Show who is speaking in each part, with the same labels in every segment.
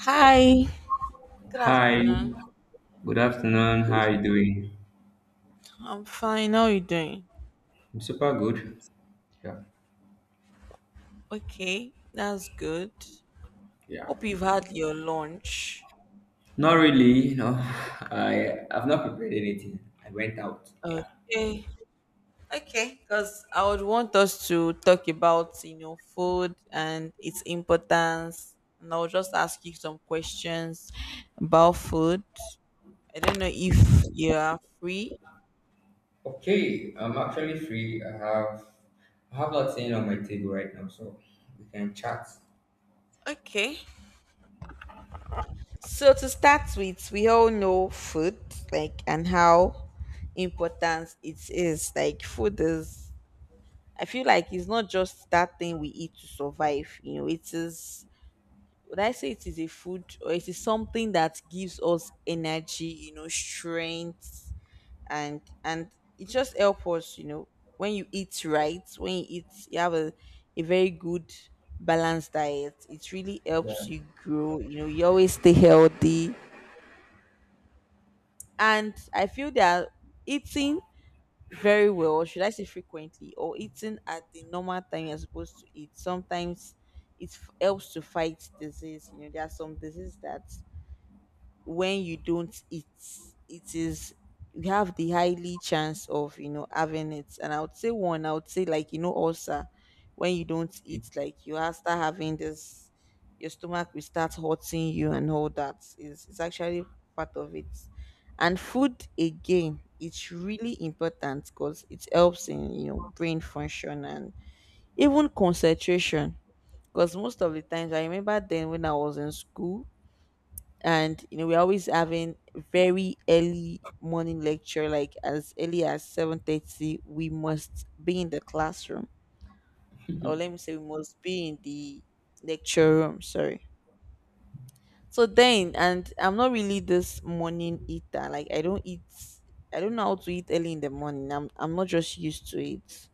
Speaker 1: Hi. Good
Speaker 2: Hi,
Speaker 1: afternoon.
Speaker 2: good afternoon. How are you doing?
Speaker 1: I'm fine. How you doing?
Speaker 2: I'm super good. Yeah.
Speaker 1: Okay, that's good.
Speaker 2: Yeah.
Speaker 1: Hope you've had your lunch.
Speaker 2: Not really, no. I've not prepared anything. I went out. Yeah.
Speaker 1: Okay. Okay, because I would want us to talk about food and its importance. And I'll just ask you some questions about food. I don't know if you are free.
Speaker 2: Okay, I'm actually free. I have nothing on my table right now, so we can chat.
Speaker 1: Okay. So to start with, we all know food, like, and how important it is. Like, food is, I feel like it's not just that thing we eat to survive. You know, it is, would I say it is a food or it is something that gives us energy, you know, strength, and it just helps us, you know, when you eat right, when you eat, you have a very good balanced diet. It really helps
Speaker 2: Yeah.
Speaker 1: you grow, you always stay healthy, and I feel they are eating very well, or should I say frequently, or eating at the normal time you're supposed to eat. Sometimes it helps to fight disease. There are some diseases that when you don't eat, it is you have the highly chance of having it. And I would say, like, ulcer. When you don't
Speaker 2: If,
Speaker 1: eat, like, you are start having this, your stomach will start hurting you, and all that is it's actually part of it. And food again, it's really important because it helps in brain function and even concentration, because most of the times, I remember then when I was in school, and we're always having very early morning lecture, like as early as 7:30 we must be in the classroom, or let me say we must be in the lecture room, sorry. So then, and I'm not really this morning eater. Like, I don't eat. I don't know how to eat early in the morning. I'm not just used to it.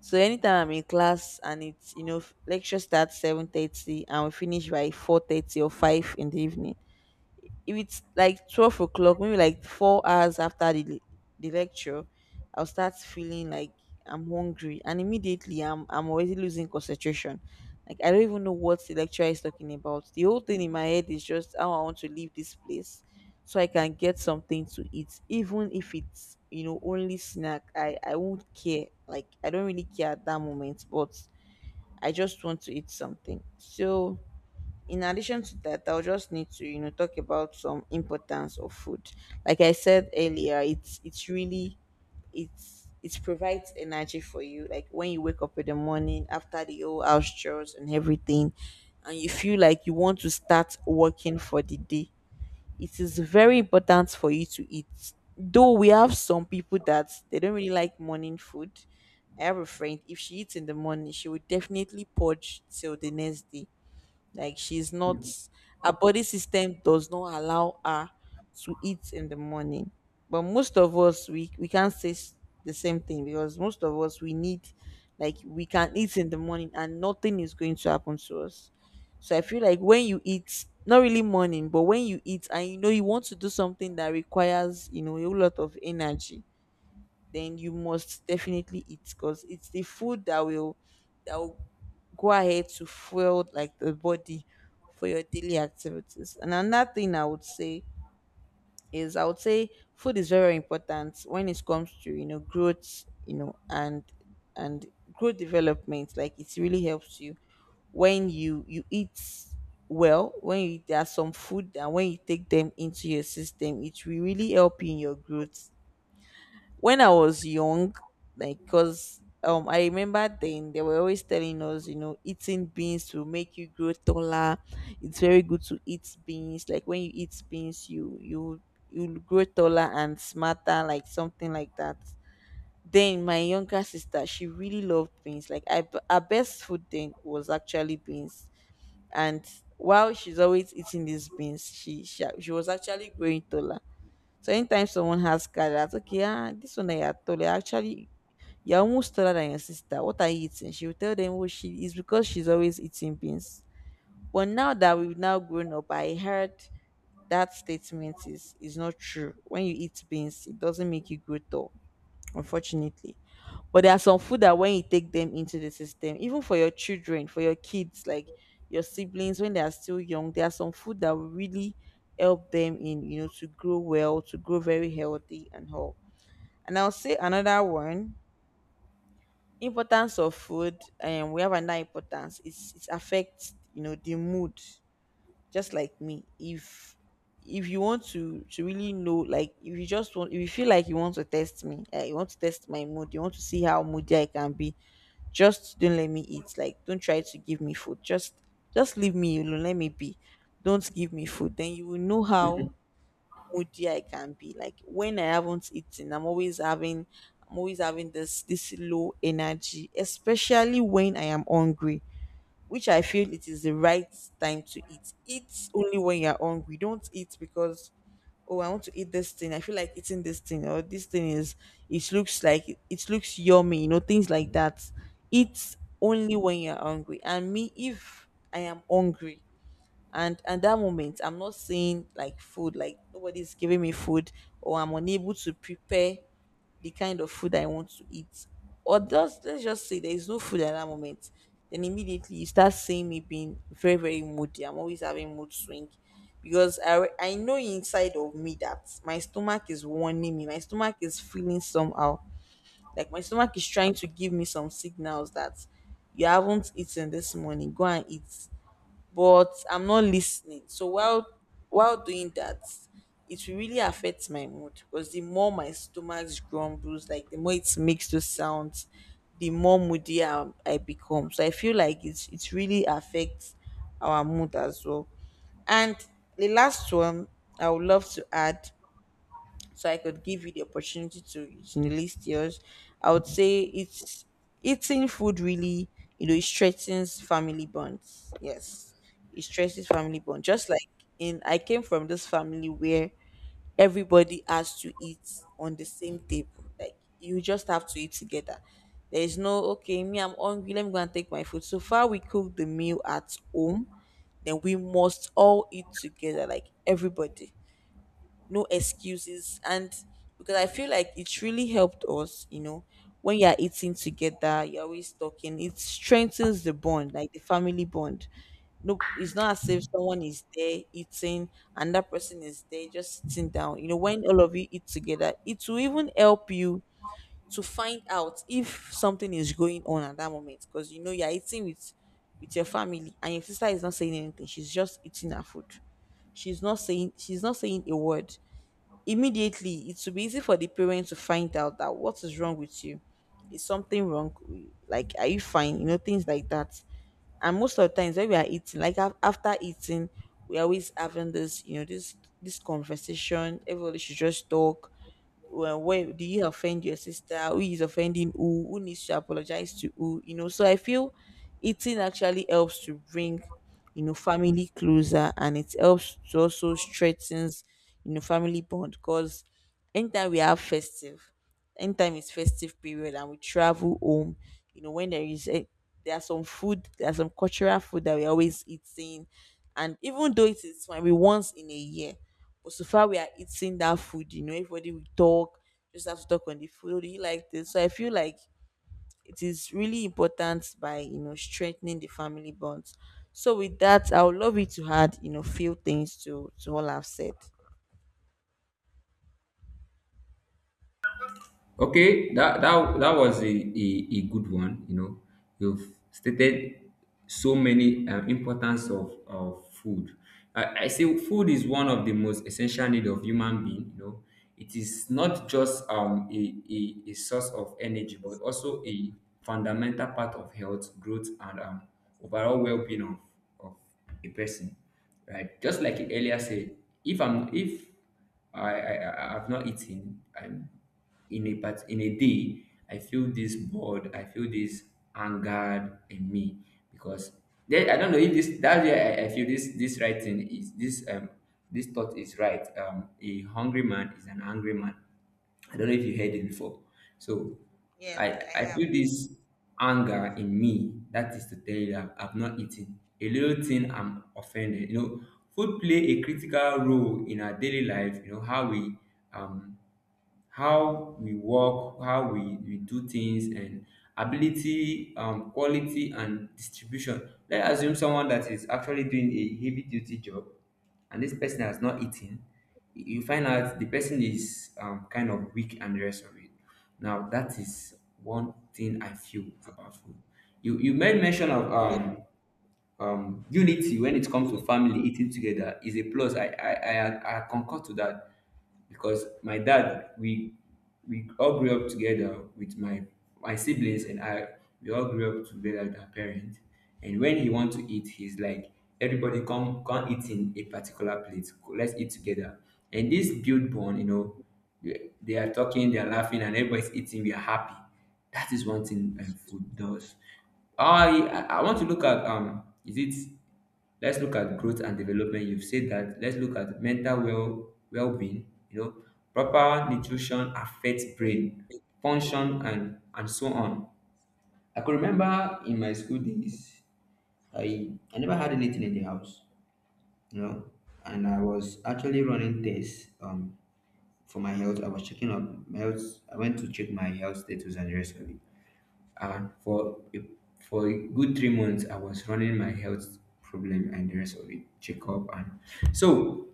Speaker 1: So anytime I'm in class, and it's you know lecture starts 7:30 and we finish by 4:30 or 5 in the evening, if it's like 12 o'clock, maybe like 4 hours after the lecture, I'll start feeling like I'm hungry, and immediately I'm already losing concentration. Like, I don't even know what the lecturer is talking about. The whole thing in my head is just how I want to leave this place so I can get something to eat, even if it's only snack. I won't care. Like, I don't really care at that moment, but I just want to eat something. So in addition to that, I'll just need to talk about some importance of food. Like I said earlier, it's really, it provides energy for you. Like, when you wake up in the morning after the whole house chores and everything, and you feel like you want to start working for the day, it is very important for you to eat. Though we have some people that they don't really like morning food. I have a friend, if she eats in the morning, she would definitely purge till the next day. Like, she's
Speaker 2: if
Speaker 1: not, her body system does not allow her to eat in the morning. But most of us, we can't say the same thing, because most of us we need, like, we can eat in the morning and nothing is going to happen to us. So I feel like when you eat, not really morning, but when you eat, and you know you want to do something that requires a whole lot of energy, then you must definitely eat, because it's the food that will that will go ahead to fuel, like, the body for your daily activities. And another thing I would say food is very, very important when it comes to growth, and and growth development. Like, it really helps you when you eat well. When you, there are some food, and when you take them into your system, it will really help you in your growth. When I was young, like, cause I remember then they were always telling us, eating beans will make you grow taller. It's very good to eat beans. Like, when you eat beans, you grow taller and smarter, like something like that. Then my younger sister, she really loved beans. Like, her best food then was actually beans. And while she's always eating these beans, she was actually growing taller. So anytime someone has carrot, that's okay, ah, this one, I you are told, actually, you're almost taller than your sister. What are you eating? She will tell them what she is, because she's always eating beans. But now that we've now grown up, I heard that statement is not true. When you eat beans, it doesn't make you grow tall, unfortunately. But there are some food that when you take them into the system, even for your children, for your kids, like your siblings when they are still young, there are some food that will really help them to grow well, to grow very healthy and whole. And I'll say another one, importance of food, and we have another importance. It affects the mood. Just like me. If you want to really know, like, if you just want, if you feel like you want to test me, you want to test my mood, you want to see how moody I can be, just don't let me eat. Like, don't try to give me food. Just leave me alone, let me be. Don't give me food, then you will know how moody I can be. Like, when I haven't eaten, I'm always having this low energy, especially when I am hungry, which I feel it is the right time to eat. Eat only when you're hungry. Don't eat because, oh, I want to eat this thing, I feel like eating this thing, or this thing is it looks like it looks yummy, things like that. Eat only when you're hungry. And me, if I am hungry, and at that moment I'm not saying like food, like nobody's giving me food, or I'm unable to prepare the kind of food I want to eat. Or just let's just say there is no food at that moment. Then immediately you start seeing me being very, very moody. I'm always having mood swing, because I know inside of me that my stomach is warning me. My stomach is feeling somehow. Like, my stomach is trying to give me some signals that you haven't eaten this morning. Go and eat, but I'm not listening. So while doing that, it will really affect my mood, because the more my stomach grumbles, like the more it makes those sounds, the more moody I become. So I feel like it really affects our mood as well. And the last one I would love to add, so I could give you the opportunity to list yours. I would say it's eating food really, it strengthens family bonds. Yes, it stresses family bond. Just like I came from this family where everybody has to eat on the same table. Like, you just have to eat together. There is no, okay, me I'm hungry, let me go and take my food. So far, we cook the meal at home, then we must all eat together, like everybody, no excuses. And because I feel like it really helped us, you know, When you're eating together, you're always talking, it strengthens the bond, like the family bond. No, it's not as if someone is there eating and that person is there just sitting down. When all of you eat together, it will even help you to find out if something is going on at that moment, because you're eating with your family, and your sister is not saying anything, she's just eating her food, she's not saying a word. Immediately, it will be easy for the parent to find out that what is wrong with you. Is something wrong? Like, are you fine? Things like that. And most of the times when we are eating, like after eating, we are always having this, you know, this conversation. Everybody should just talk, well, where do you offend your sister? Who is offending who? Who needs to apologize to who? So I feel eating actually helps to bring family closer, and it helps to also strengthens family bond because anytime we have festive, anytime it's festive period and we travel home, when there is a there are some food, there are some cultural food that we always eating. And even though it is maybe once in a year, but so far we are eating that food, everybody will talk, just have to talk on the food. "Oh, do you like this?" So I feel like it is really important by strengthening the family bonds. So with that, I would love you to add, few things to all I've said.
Speaker 2: Okay, that was a good one. You know, you've stated so many importance of food. I say food is one of the most essential need of human being. You know, it is not just a source of energy, but also a fundamental part of health, growth, and overall well-being of a person, right? Just like you earlier said, if I'm if I I- I've not eaten, I'm in a part in a day, I feel this bored, I feel this angered in me because then I don't know if this that's where I feel this writing is this thought is right. A hungry man is an angry man. I don't know if you heard it before. So
Speaker 1: Yes,
Speaker 2: I
Speaker 1: I
Speaker 2: I
Speaker 1: have.
Speaker 2: feel this anger in me. That is to tell you that I've not eaten. A little thing I'm offended. You know, food play a critical role in our daily life. You know um how we work, how we do things, and ability, quality, and distribution. Let's assume someone that is actually doing a heavy duty job and this person has not eaten. You find out the person is kind of weak and the rest of it. Now, that is one thing I feel about food. You made mention of unity. When it comes to family, eating together is a plus. I concur to that, because my dad, we all grew up together with my siblings and I, we all grew up together with our parents. And when he want to eat, he's like, everybody come eat in a particular plate, let's eat together. And this build bond. You know, they are talking, they are laughing, and everybody's eating, we are happy. That is one thing food does. I want to look at, is it let's look at growth and development. You've said that. Let's look at mental well-being. You know, proper nutrition affects brain function, and so on. I could remember in my school days, I never had anything in the house. You know, and I was actually running tests for my health. I was checking up my health. I went to check my health status and the rest of it. And for a good 3 months, I was running my health problem and the rest of it, checkup, and so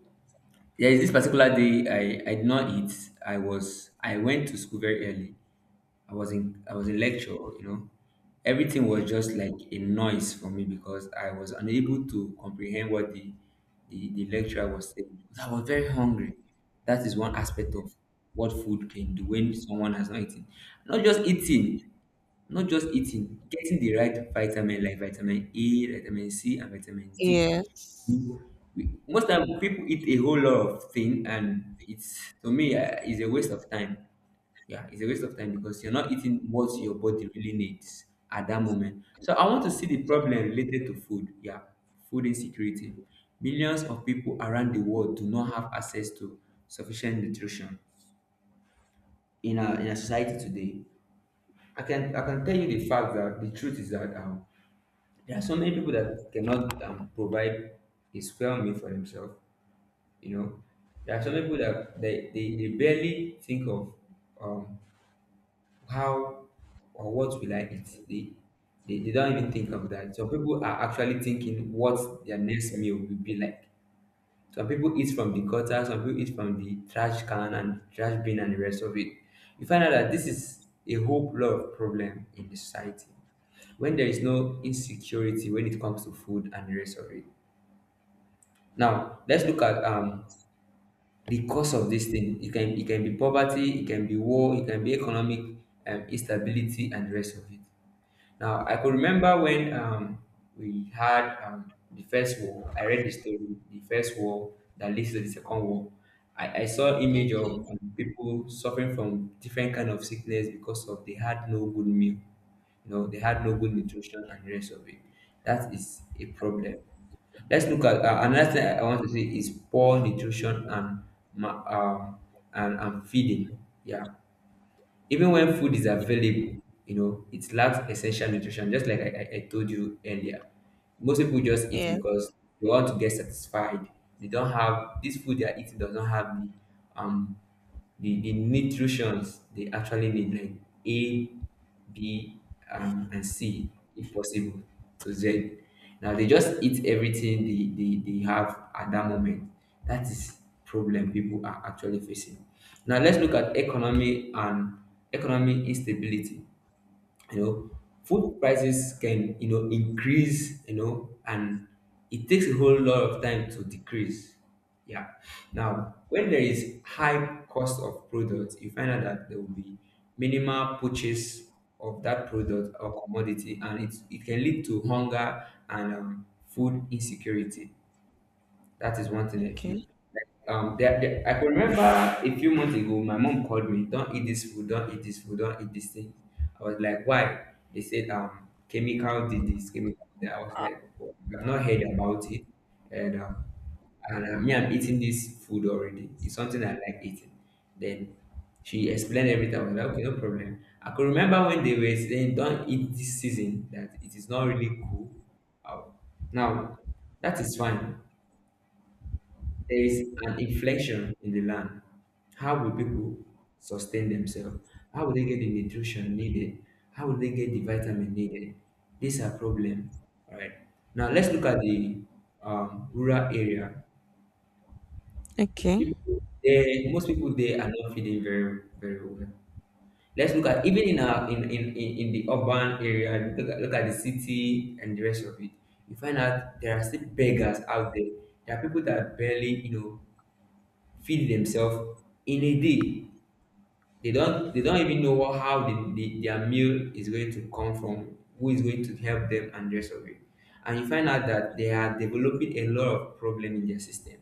Speaker 2: there is this particular day, I did not eat. I went to school very early. I was in lecture, you know. Everything was
Speaker 1: Okay.
Speaker 2: just like a noise for me, because I was unable to comprehend what the lecturer was saying. I was very hungry. That is one aspect of what food can do when someone has not eaten. Not just eating, getting the right vitamin, like vitamin A, vitamin C, and vitamin D.
Speaker 1: Yes.
Speaker 2: We, most time people eat a whole lot of thing, and it's to me it's a waste of time. Yeah, it's a waste of time, because you're not eating what your body really needs at that moment. So I want to see the problem related to food. Yeah, food insecurity. Millions of people around the world do not have access to sufficient nutrition in our society today. I can tell you the fact that the truth is that, there are so many people that cannot provide a square meal for themselves. You know, there are some people that they barely think of, um, how or what will I eat. They don't even think of that. So people are actually thinking what their next meal will be like. Some people eat from the gutter, some people eat from the trash can and trash bin and the rest of it. You find out that this is a whole lot of problem in the society, when there is no insecurity when it comes to food and the rest of it. Now let's look at the cause of this thing. It can be poverty, it can be war, it can be economic, instability, and the rest of it. Now, I could remember when, we had, the first war. I read the story, the first war that leads to the second war. I saw image
Speaker 1: Okay.
Speaker 2: of, people suffering from different kind of sickness because of they had no good meal. You know, they had no good nutrition and the rest of it. That is a problem. Let's look at, another thing I want to say is poor nutrition and ma- um, and feeding. Yeah, even when food is available, you know, it lacks essential nutrition. Just like I told you earlier, most people just eat
Speaker 1: Yes.
Speaker 2: because they want to get satisfied. They don't have this food they are eating does not have the um the nutrients they actually need, like A, B, and C, if possible, to Z. Now they just eat everything they have at that moment. That is problem people are actually facing. Now let's look at economy and economic instability. You know, food prices can, you know, increase, you know, and it takes a whole lot of time to decrease. Yeah, now when there is high cost of products, you find out that there will be minimal purchase of that product or commodity, and it can lead to hunger and, food insecurity. That is one thing I feel.
Speaker 1: Okay.
Speaker 2: I can remember a few months ago, my mom called me, "Don't eat this food, don't eat this food, don't eat this thing." I was like, "Why?" They said, " chemical did this, chemical." Did that. I was like, "Oh, I've not heard about it," and, and me, I'm eating this food already. It's something I like eating. Then she explained everything. I was like, "Okay, no problem." I could remember when they were saying, "Don't eat this season," that it is not really cool. Uh, Now, that is fine. There is an inflation in the land. How will people sustain themselves? How will they get the nutrition needed? How will they get the vitamin needed? These are problem. All right. Now let's look at the, rural area.
Speaker 1: Okay.
Speaker 2: People, most people there are not feeding very very well. Let's look at even in our in the urban area. Look at the city and the rest of it. You find out there are still beggars out there. There are people that barely, you know, feed themselves in a day. They don't even know how their meal is going to come from, who is going to help them, and the rest of it. And you find out that they are developing a lot of problem in their system,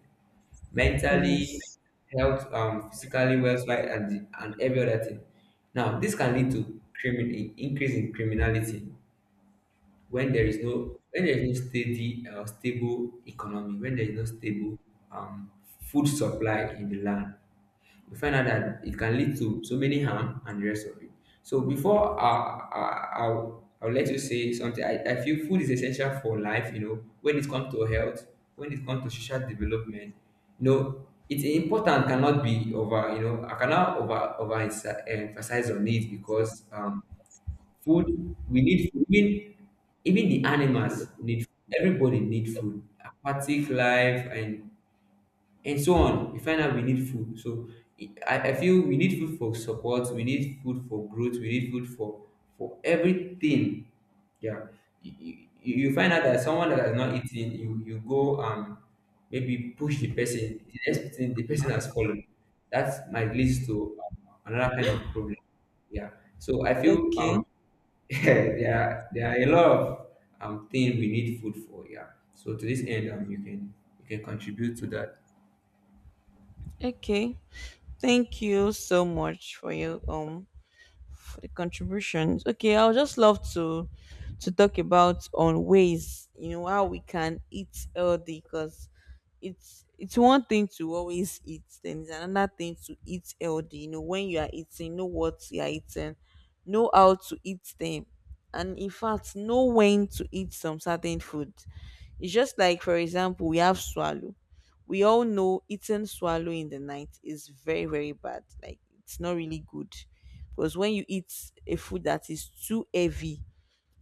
Speaker 2: mentally,
Speaker 1: Yes.
Speaker 2: health, physically, welfare, and and every other thing. Now, this can lead to increase in criminality, when there is no, steady, stable economy, when there is no stable, um, food supply in the land, we find out that it can lead to so many harm and the rest of it. So before I'll let you say something, I feel food is essential for life, you know, when it comes to health, when it comes to social development. You know, it's important cannot be over, you know, I cannot over emphasize on it because, food, we need food. Even the animals need food. Everybody need food. Aquatic life and so on. We find out we need food. So I feel we need food for support, we need food for growth, we need food for everything. Yeah. You, you, you find out that someone that has not eaten, you go, maybe push the person. The next thing the person has fallen. That might lead to, another kind of problem. Yeah. So I feel
Speaker 1: Okay.
Speaker 2: there are a lot of things we need food for. Yeah. So to this end, you can contribute to that.
Speaker 1: Okay. Thank you so much for your for the contributions. Okay, I'll just love to talk about on ways how we can eat healthy, because it's one thing to always eat, then it's another thing to eat healthy. When you are eating, know what you are eating, know how to eat them, and in fact, know when to eat some certain food. It's just like, for example, we have swallow. We all know eating swallow in the night is very, very bad. Like, it's not really good. Because when you eat a food that is too heavy,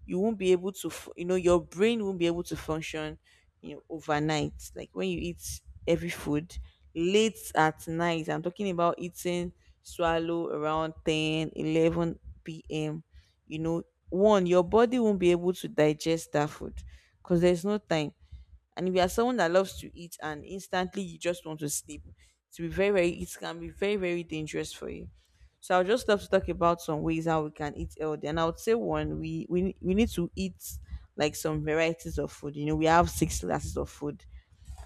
Speaker 1: you won't be able to, your brain won't be able to function, overnight. Like, when you eat heavy food late at night, I'm talking about eating swallow around 10, 11 p.m., you know, one, your body won't be able to digest that food because there's no time. And if you are someone that loves to eat and instantly you just want to sleep, to be very, very, it can be very, very dangerous for you. So I'll just love to talk about some ways how we can eat healthy. And I would say one, we need to eat like some varieties of food. We have six classes of food,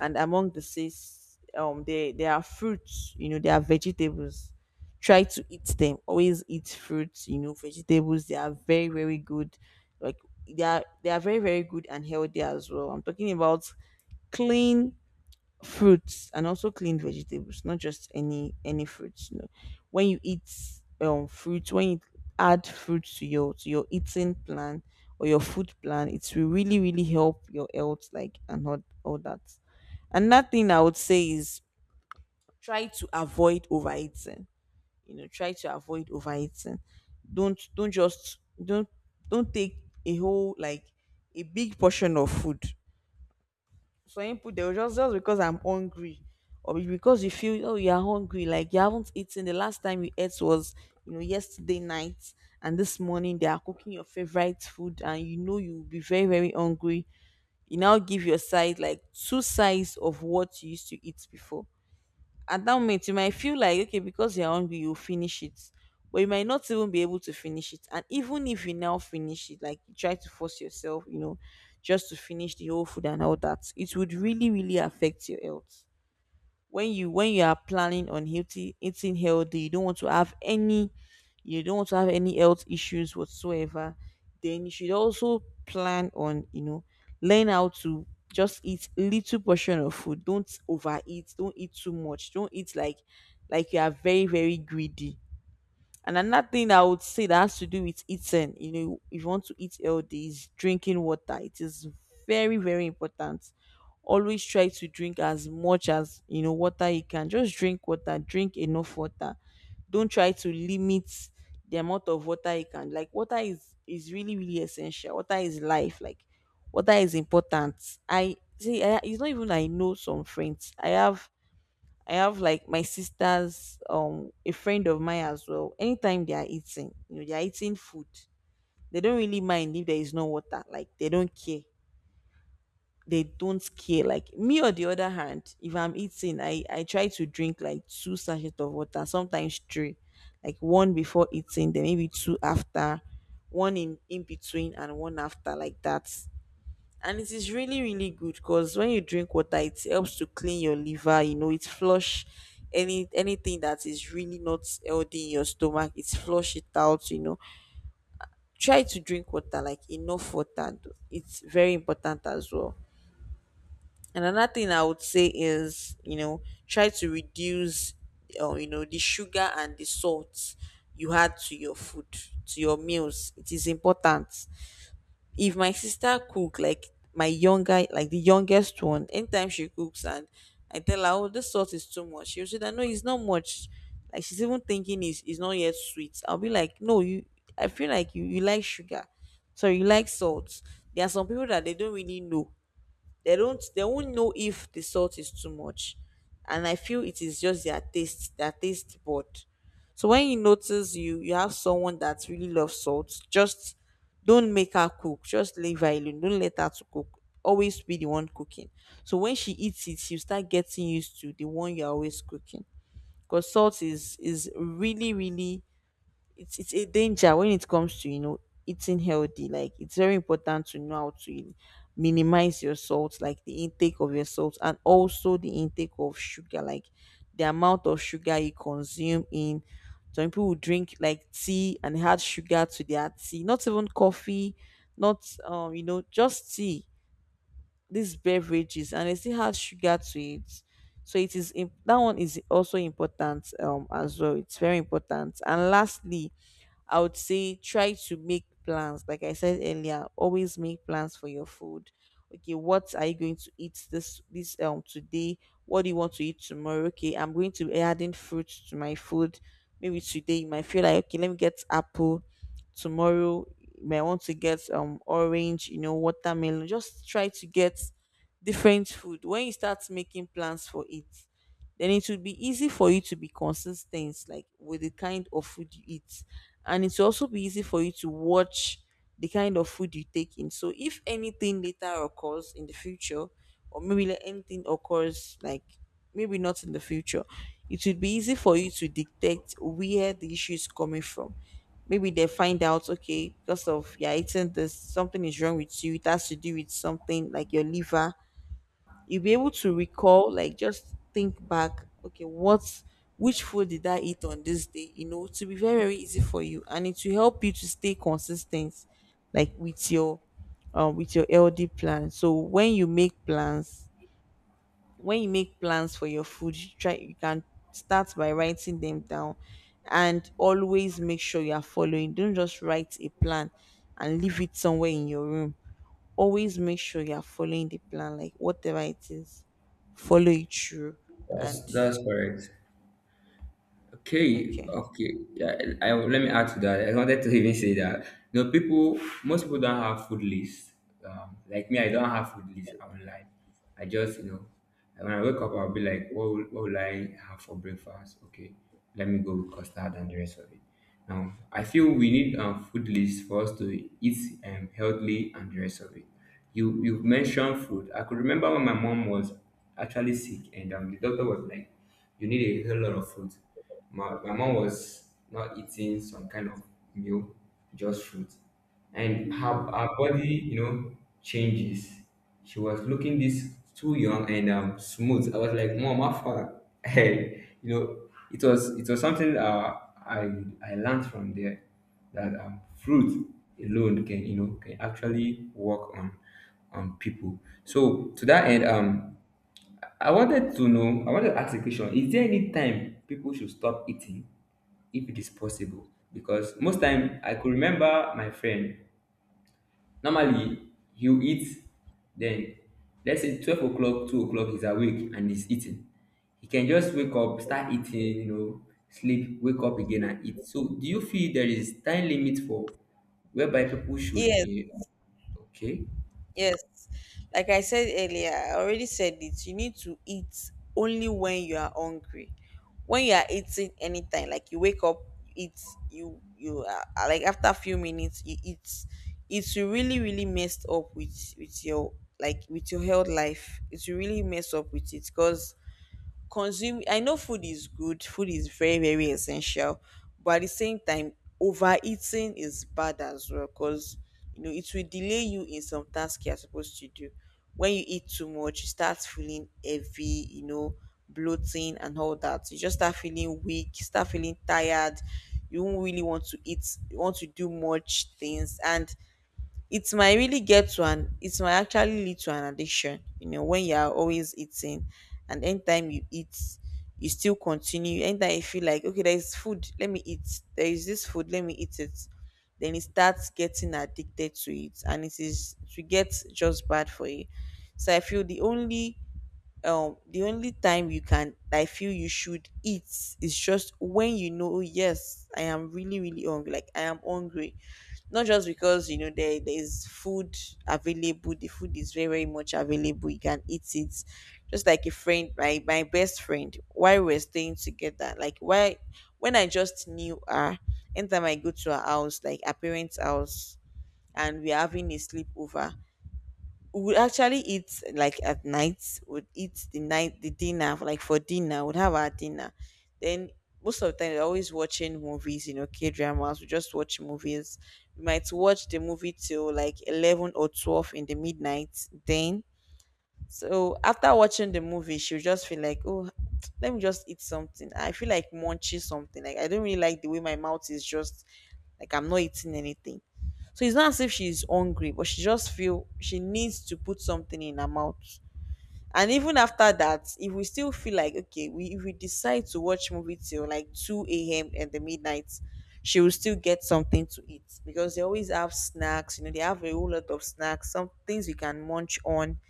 Speaker 1: and among the six, there are fruits. There are vegetables. Try to eat them. Always eat fruits. Vegetables. They are very very good. Like, they are very very good and healthy as well. I'm talking about clean fruits and also clean vegetables, not just any fruits. No, when you eat fruits, when you add fruits to your eating plan or your food plan, it will really really help your health, like, and all that. Another thing I would say is, try to avoid overeating. you know try to avoid overeating don't just don't don't take a whole, like a big portion of food. Some people, they'll just because I'm hungry, or because you feel, oh, you are hungry, like, you haven't eaten, the last time you ate was, yesterday night, and this morning they are cooking your favorite food and, you'll be very very hungry, you now give your side like two sides of what you used to eat before. At that moment you might feel like, okay, because you're hungry, you'll finish it, but you might not even be able to finish it, and even if you now finish it, like, you try to force yourself, just to finish the whole food and all that, it would really really affect your health. When you, are planning on healthy, eating healthy, you don't want to have any health issues whatsoever, then you should also plan on, learn how to just eat little portion of food, don't overeat, don't eat too much, don't eat like, you are very very greedy. And another thing I would say that has to do with eating, if you want to eat healthy, is drinking water. It is very, very important. Always try to drink as much as, water you can. Just drink water, drink enough water. Don't try to limit the amount of water you can. Like, water is really, really essential. Water is life. Like, water is important. It's not even, I know some friends. I have like my sisters, a friend of mine as well. Anytime they are eating, you know, they are eating food. They don't really mind if there is no water. Like, they don't care. They don't care. Like me, on the other hand, if I'm eating, I try to drink like two sachets of water, sometimes three, like one before eating, then maybe two after, one in between, and one after, like that. And it is really really good because when you drink water it helps to clean your liver, it flush anything that is really not healthy in your stomach, it flush it out. Try to drink water, like, enough water. It's very important as well. And another thing I would say is, try to reduce, the sugar and the salt you add to your food, to your meals. It is important. If my sister cook, like, my younger like the youngest one, anytime she cooks and I tell her, "Oh, this salt is too much," she'll say that, "No, it's not much." Like, she's even thinking it's not yet sweet. I'll be like, "No, you I feel like you like sugar, so you like salt." There are some people that they don't really know, they won't know if the salt is too much, and I feel it is just their taste bud. So when you notice you have someone that really loves salt, just don't make her cook, just leave her alone, don't let her to cook, always be the one cooking, so when she eats it, you start getting used to the one you're always cooking. Because salt is really really, it's a danger when it comes to, eating healthy. Like, it's very important to know how to minimize your salt, like the intake of your salt and also the intake of sugar, like the amount of sugar you consume in. Some people will drink like tea and add sugar to their tea, not even coffee, not, just tea, these beverages, and they still add sugar to it. So it is, that one is also important, as well. It's very important. And lastly, I would say, try to make plans. Like I said earlier, always make plans for your food. Okay, what are you going to eat this, today? What do you want to eat tomorrow? Okay, I'm going to be adding fruit to my food. Maybe today you might feel like, okay, let me get apple. Tomorrow you might want to get, orange, watermelon. Just try to get different food. When you start making plans for it, then it would be easy for you to be consistent, like, with the kind of food you eat, and it will also be easy for you to watch the kind of food you take in. So if anything later occurs in the future, or maybe, like, anything occurs, like, maybe not in the future, it would be easy for you to detect where the issue is coming from. Maybe they find out, okay, because of you're eating this, something is wrong with you, it has to do with something like your liver, you'll be able to recall, like, just think back, okay, what which food did I eat on this day, you know, to be very very easy for you, and it will help you to stay consistent like with your, ld plan. So when you make plans for your food, you try you can start by writing them down, and always make sure you are following, don't just write a plan and leave it somewhere in your room, always make sure you're following the plan, like, whatever it is, follow it through.
Speaker 2: That's
Speaker 1: And
Speaker 2: that's correct. Okay,
Speaker 1: okay.
Speaker 2: okay. Yeah, let me add to that. I wanted to even say that, you know, most people don't have food lists. Like me, I don't have food list. I will not lie. I just, you know, when I wake up, I'll be like, what will I have for breakfast? Okay, let me go with custard and the rest of it. Now, I feel we need, food list for us to eat, healthily and the rest of it. You mentioned food. I could remember when my mom was actually sick, and, the doctor was like, "You need a whole lot of food." My mom was not eating some kind of meal, just fruit. And her body, you know, changes. She was looking this too young and, smooth. I was like, "Mom, how far?" Hey, you know, it was something, I I learned from there that, fruit alone can, you know, can actually work on people. So to that end, I I wanted to ask a question. Is there any time people should stop eating if it is possible? Because most time I could remember my friend. Normally he'll eat then, let's say, 12 o'clock, 2 o'clock, he's awake and he's eating. He can just wake up, start eating, you know, sleep, wake up again and eat. So do you feel there is time limit for whereby people should,
Speaker 1: Yes,
Speaker 2: okay.
Speaker 1: yes. Like I said earlier, I already said it. You need to eat only when you are hungry. When you are eating anytime, like you wake up, you eat, you are like after a few minutes, you eat. It's really really messed up with your, with your health life. It's really messed up with it because consume I know food is good, food is very very essential, but at the same time overeating is bad as well because you know it will delay you in some tasks you're supposed to do. When you eat too much you start feeling heavy, you know, bloating and all that. You just start feeling weak, you start feeling tired, you won't really want to eat, you want to do much things, and it might actually lead to an addiction, you know, when you are always eating. And anytime you eat you still continue. Anytime you feel like okay, there is food, let me eat, there is this food, let me eat it, then it starts getting addicted to it and it is to get just bad for you. So I feel the only time you can I feel you should eat is just when you know, "Oh, yes, I am really really hungry, like I am hungry." Not just because, you know, there's food available. The food is very very much available, you can eat it. Just like a friend, my best friend, while we are staying together, like why, when I just knew her, anytime I go to her house, like her parents' house, and we're having a sleepover, we would actually eat, like at night would eat the night the dinner like for dinner, would have our dinner. Then most of the time we're always watching movies, you know, k dramas we just watch movies. We might watch the movie till like 11 or 12 in the midnight. Then, so after watching the movie she'll just feel like, "Oh, let me just eat something, I feel like munching something, like I don't really like the way my mouth is just, like I'm not eating anything." So it's not as if she's hungry, but she just feel she needs to put something in her mouth. And even after that, if we still feel like okay, we if we decide to watch movie till like two a.m. and the midnight, she will still get something to eat because they always have snacks. You know, they have a whole lot of snacks, some things we can munch on.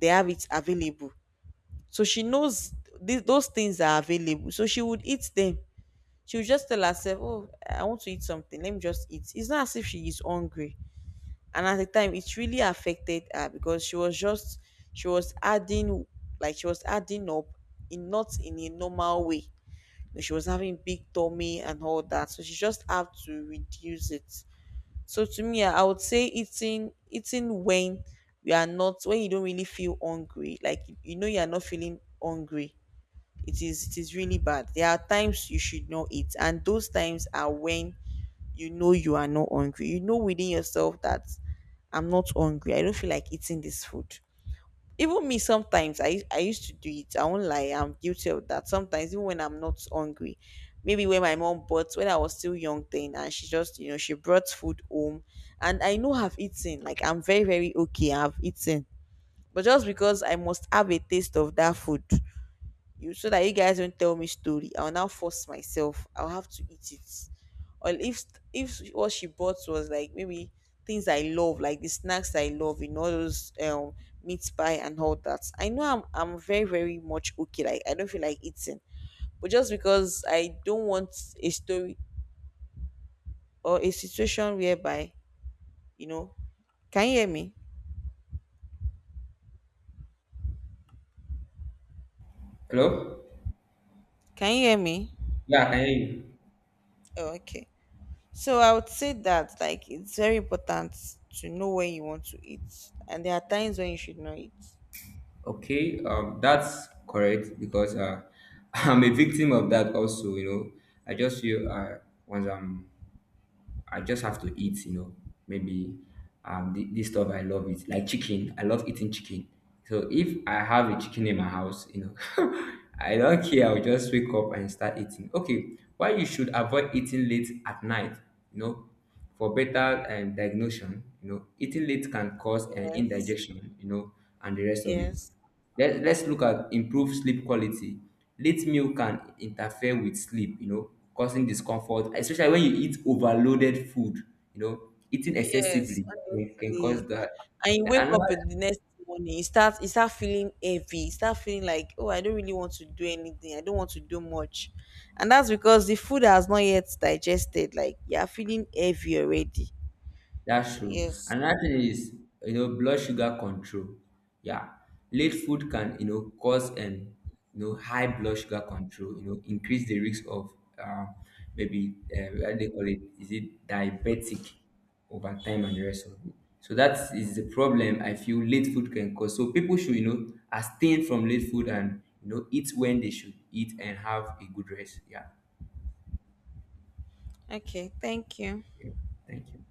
Speaker 1: They have it available, so she knows those things are available. So she would eat them. She would just tell herself, "Oh, I want to eat something. Let me just eat." It's not as if she is hungry, and at the time it really affected her because she was just, she was adding, like she was adding up in, not in a normal way. But she was having big tummy and all that, so she just had to reduce it. So to me, I would say eating when you are not, when you don't really feel hungry, like you know you are not feeling hungry, it is really bad. There are times you should not eat, and those times are when you know you are not hungry. You know within yourself that I'm not hungry, I don't feel like eating this food. Even me, sometimes I used to do it. I won't lie, I'm guilty of that. Sometimes even when I'm not hungry, maybe when my mom bought, when I was still young then, and she just, you know, she brought food home, and I know I've eaten. Like I'm very very okay, I've eaten, but just because I must have a taste of that food, you, so that you guys don't tell me story, I'll now force myself, I'll have to eat it. Or if what she bought was like maybe things I love, like the snacks I love, you know, those meat pie and all that, I know I'm very very much okay, like I don't feel like eating, but just because I don't want a story or a situation whereby, you know. Can you hear me?
Speaker 2: Hello?
Speaker 1: Can you hear me?
Speaker 2: Yeah, I can hear you.
Speaker 1: Oh, okay. So I would say that like it's very important to know when you want to eat, and there are times when you should not eat.
Speaker 2: Okay, that's correct because, I'm a victim of that also. You know, I just feel, once I just have to eat. You know, maybe, this stuff I love it, like chicken. I love eating chicken. So if I have a chicken in my house, you know, I don't care. I'll just wake up and start eating. Okay, why you should avoid eating late at night? You know, for better, diagnosis. You know, eating late can cause an
Speaker 1: Yes,
Speaker 2: indigestion. You know, and the rest of it.
Speaker 1: yes,
Speaker 2: Let's look at improved sleep quality. Late meal can interfere with sleep, you know, causing discomfort, especially when you eat overloaded food. You know, eating
Speaker 1: yes.
Speaker 2: excessively can cause
Speaker 1: Honestly,
Speaker 2: that.
Speaker 1: and you
Speaker 2: The-
Speaker 1: wake up
Speaker 2: Another
Speaker 1: in the next morning, you start, you start feeling heavy, you start feeling like, oh, I don't really want to do anything, I don't want to do much, and that's because the food has not yet digested. Like you are feeling heavy already.
Speaker 2: That's
Speaker 1: So
Speaker 2: true.
Speaker 1: yes,
Speaker 2: Another thing is, you know, blood sugar control. Yeah, late food can, you know, cause, and, you know, high blood sugar control. You know, increase the risk of, um, maybe, what they call it, is it diabetic over time and the rest of it. So that is the problem I feel late food can cause. So people should, you know, abstain from late food and, you know, eat when they should eat and have a good rest. Yeah.
Speaker 1: okay, thank you.
Speaker 2: Yeah. Thank you.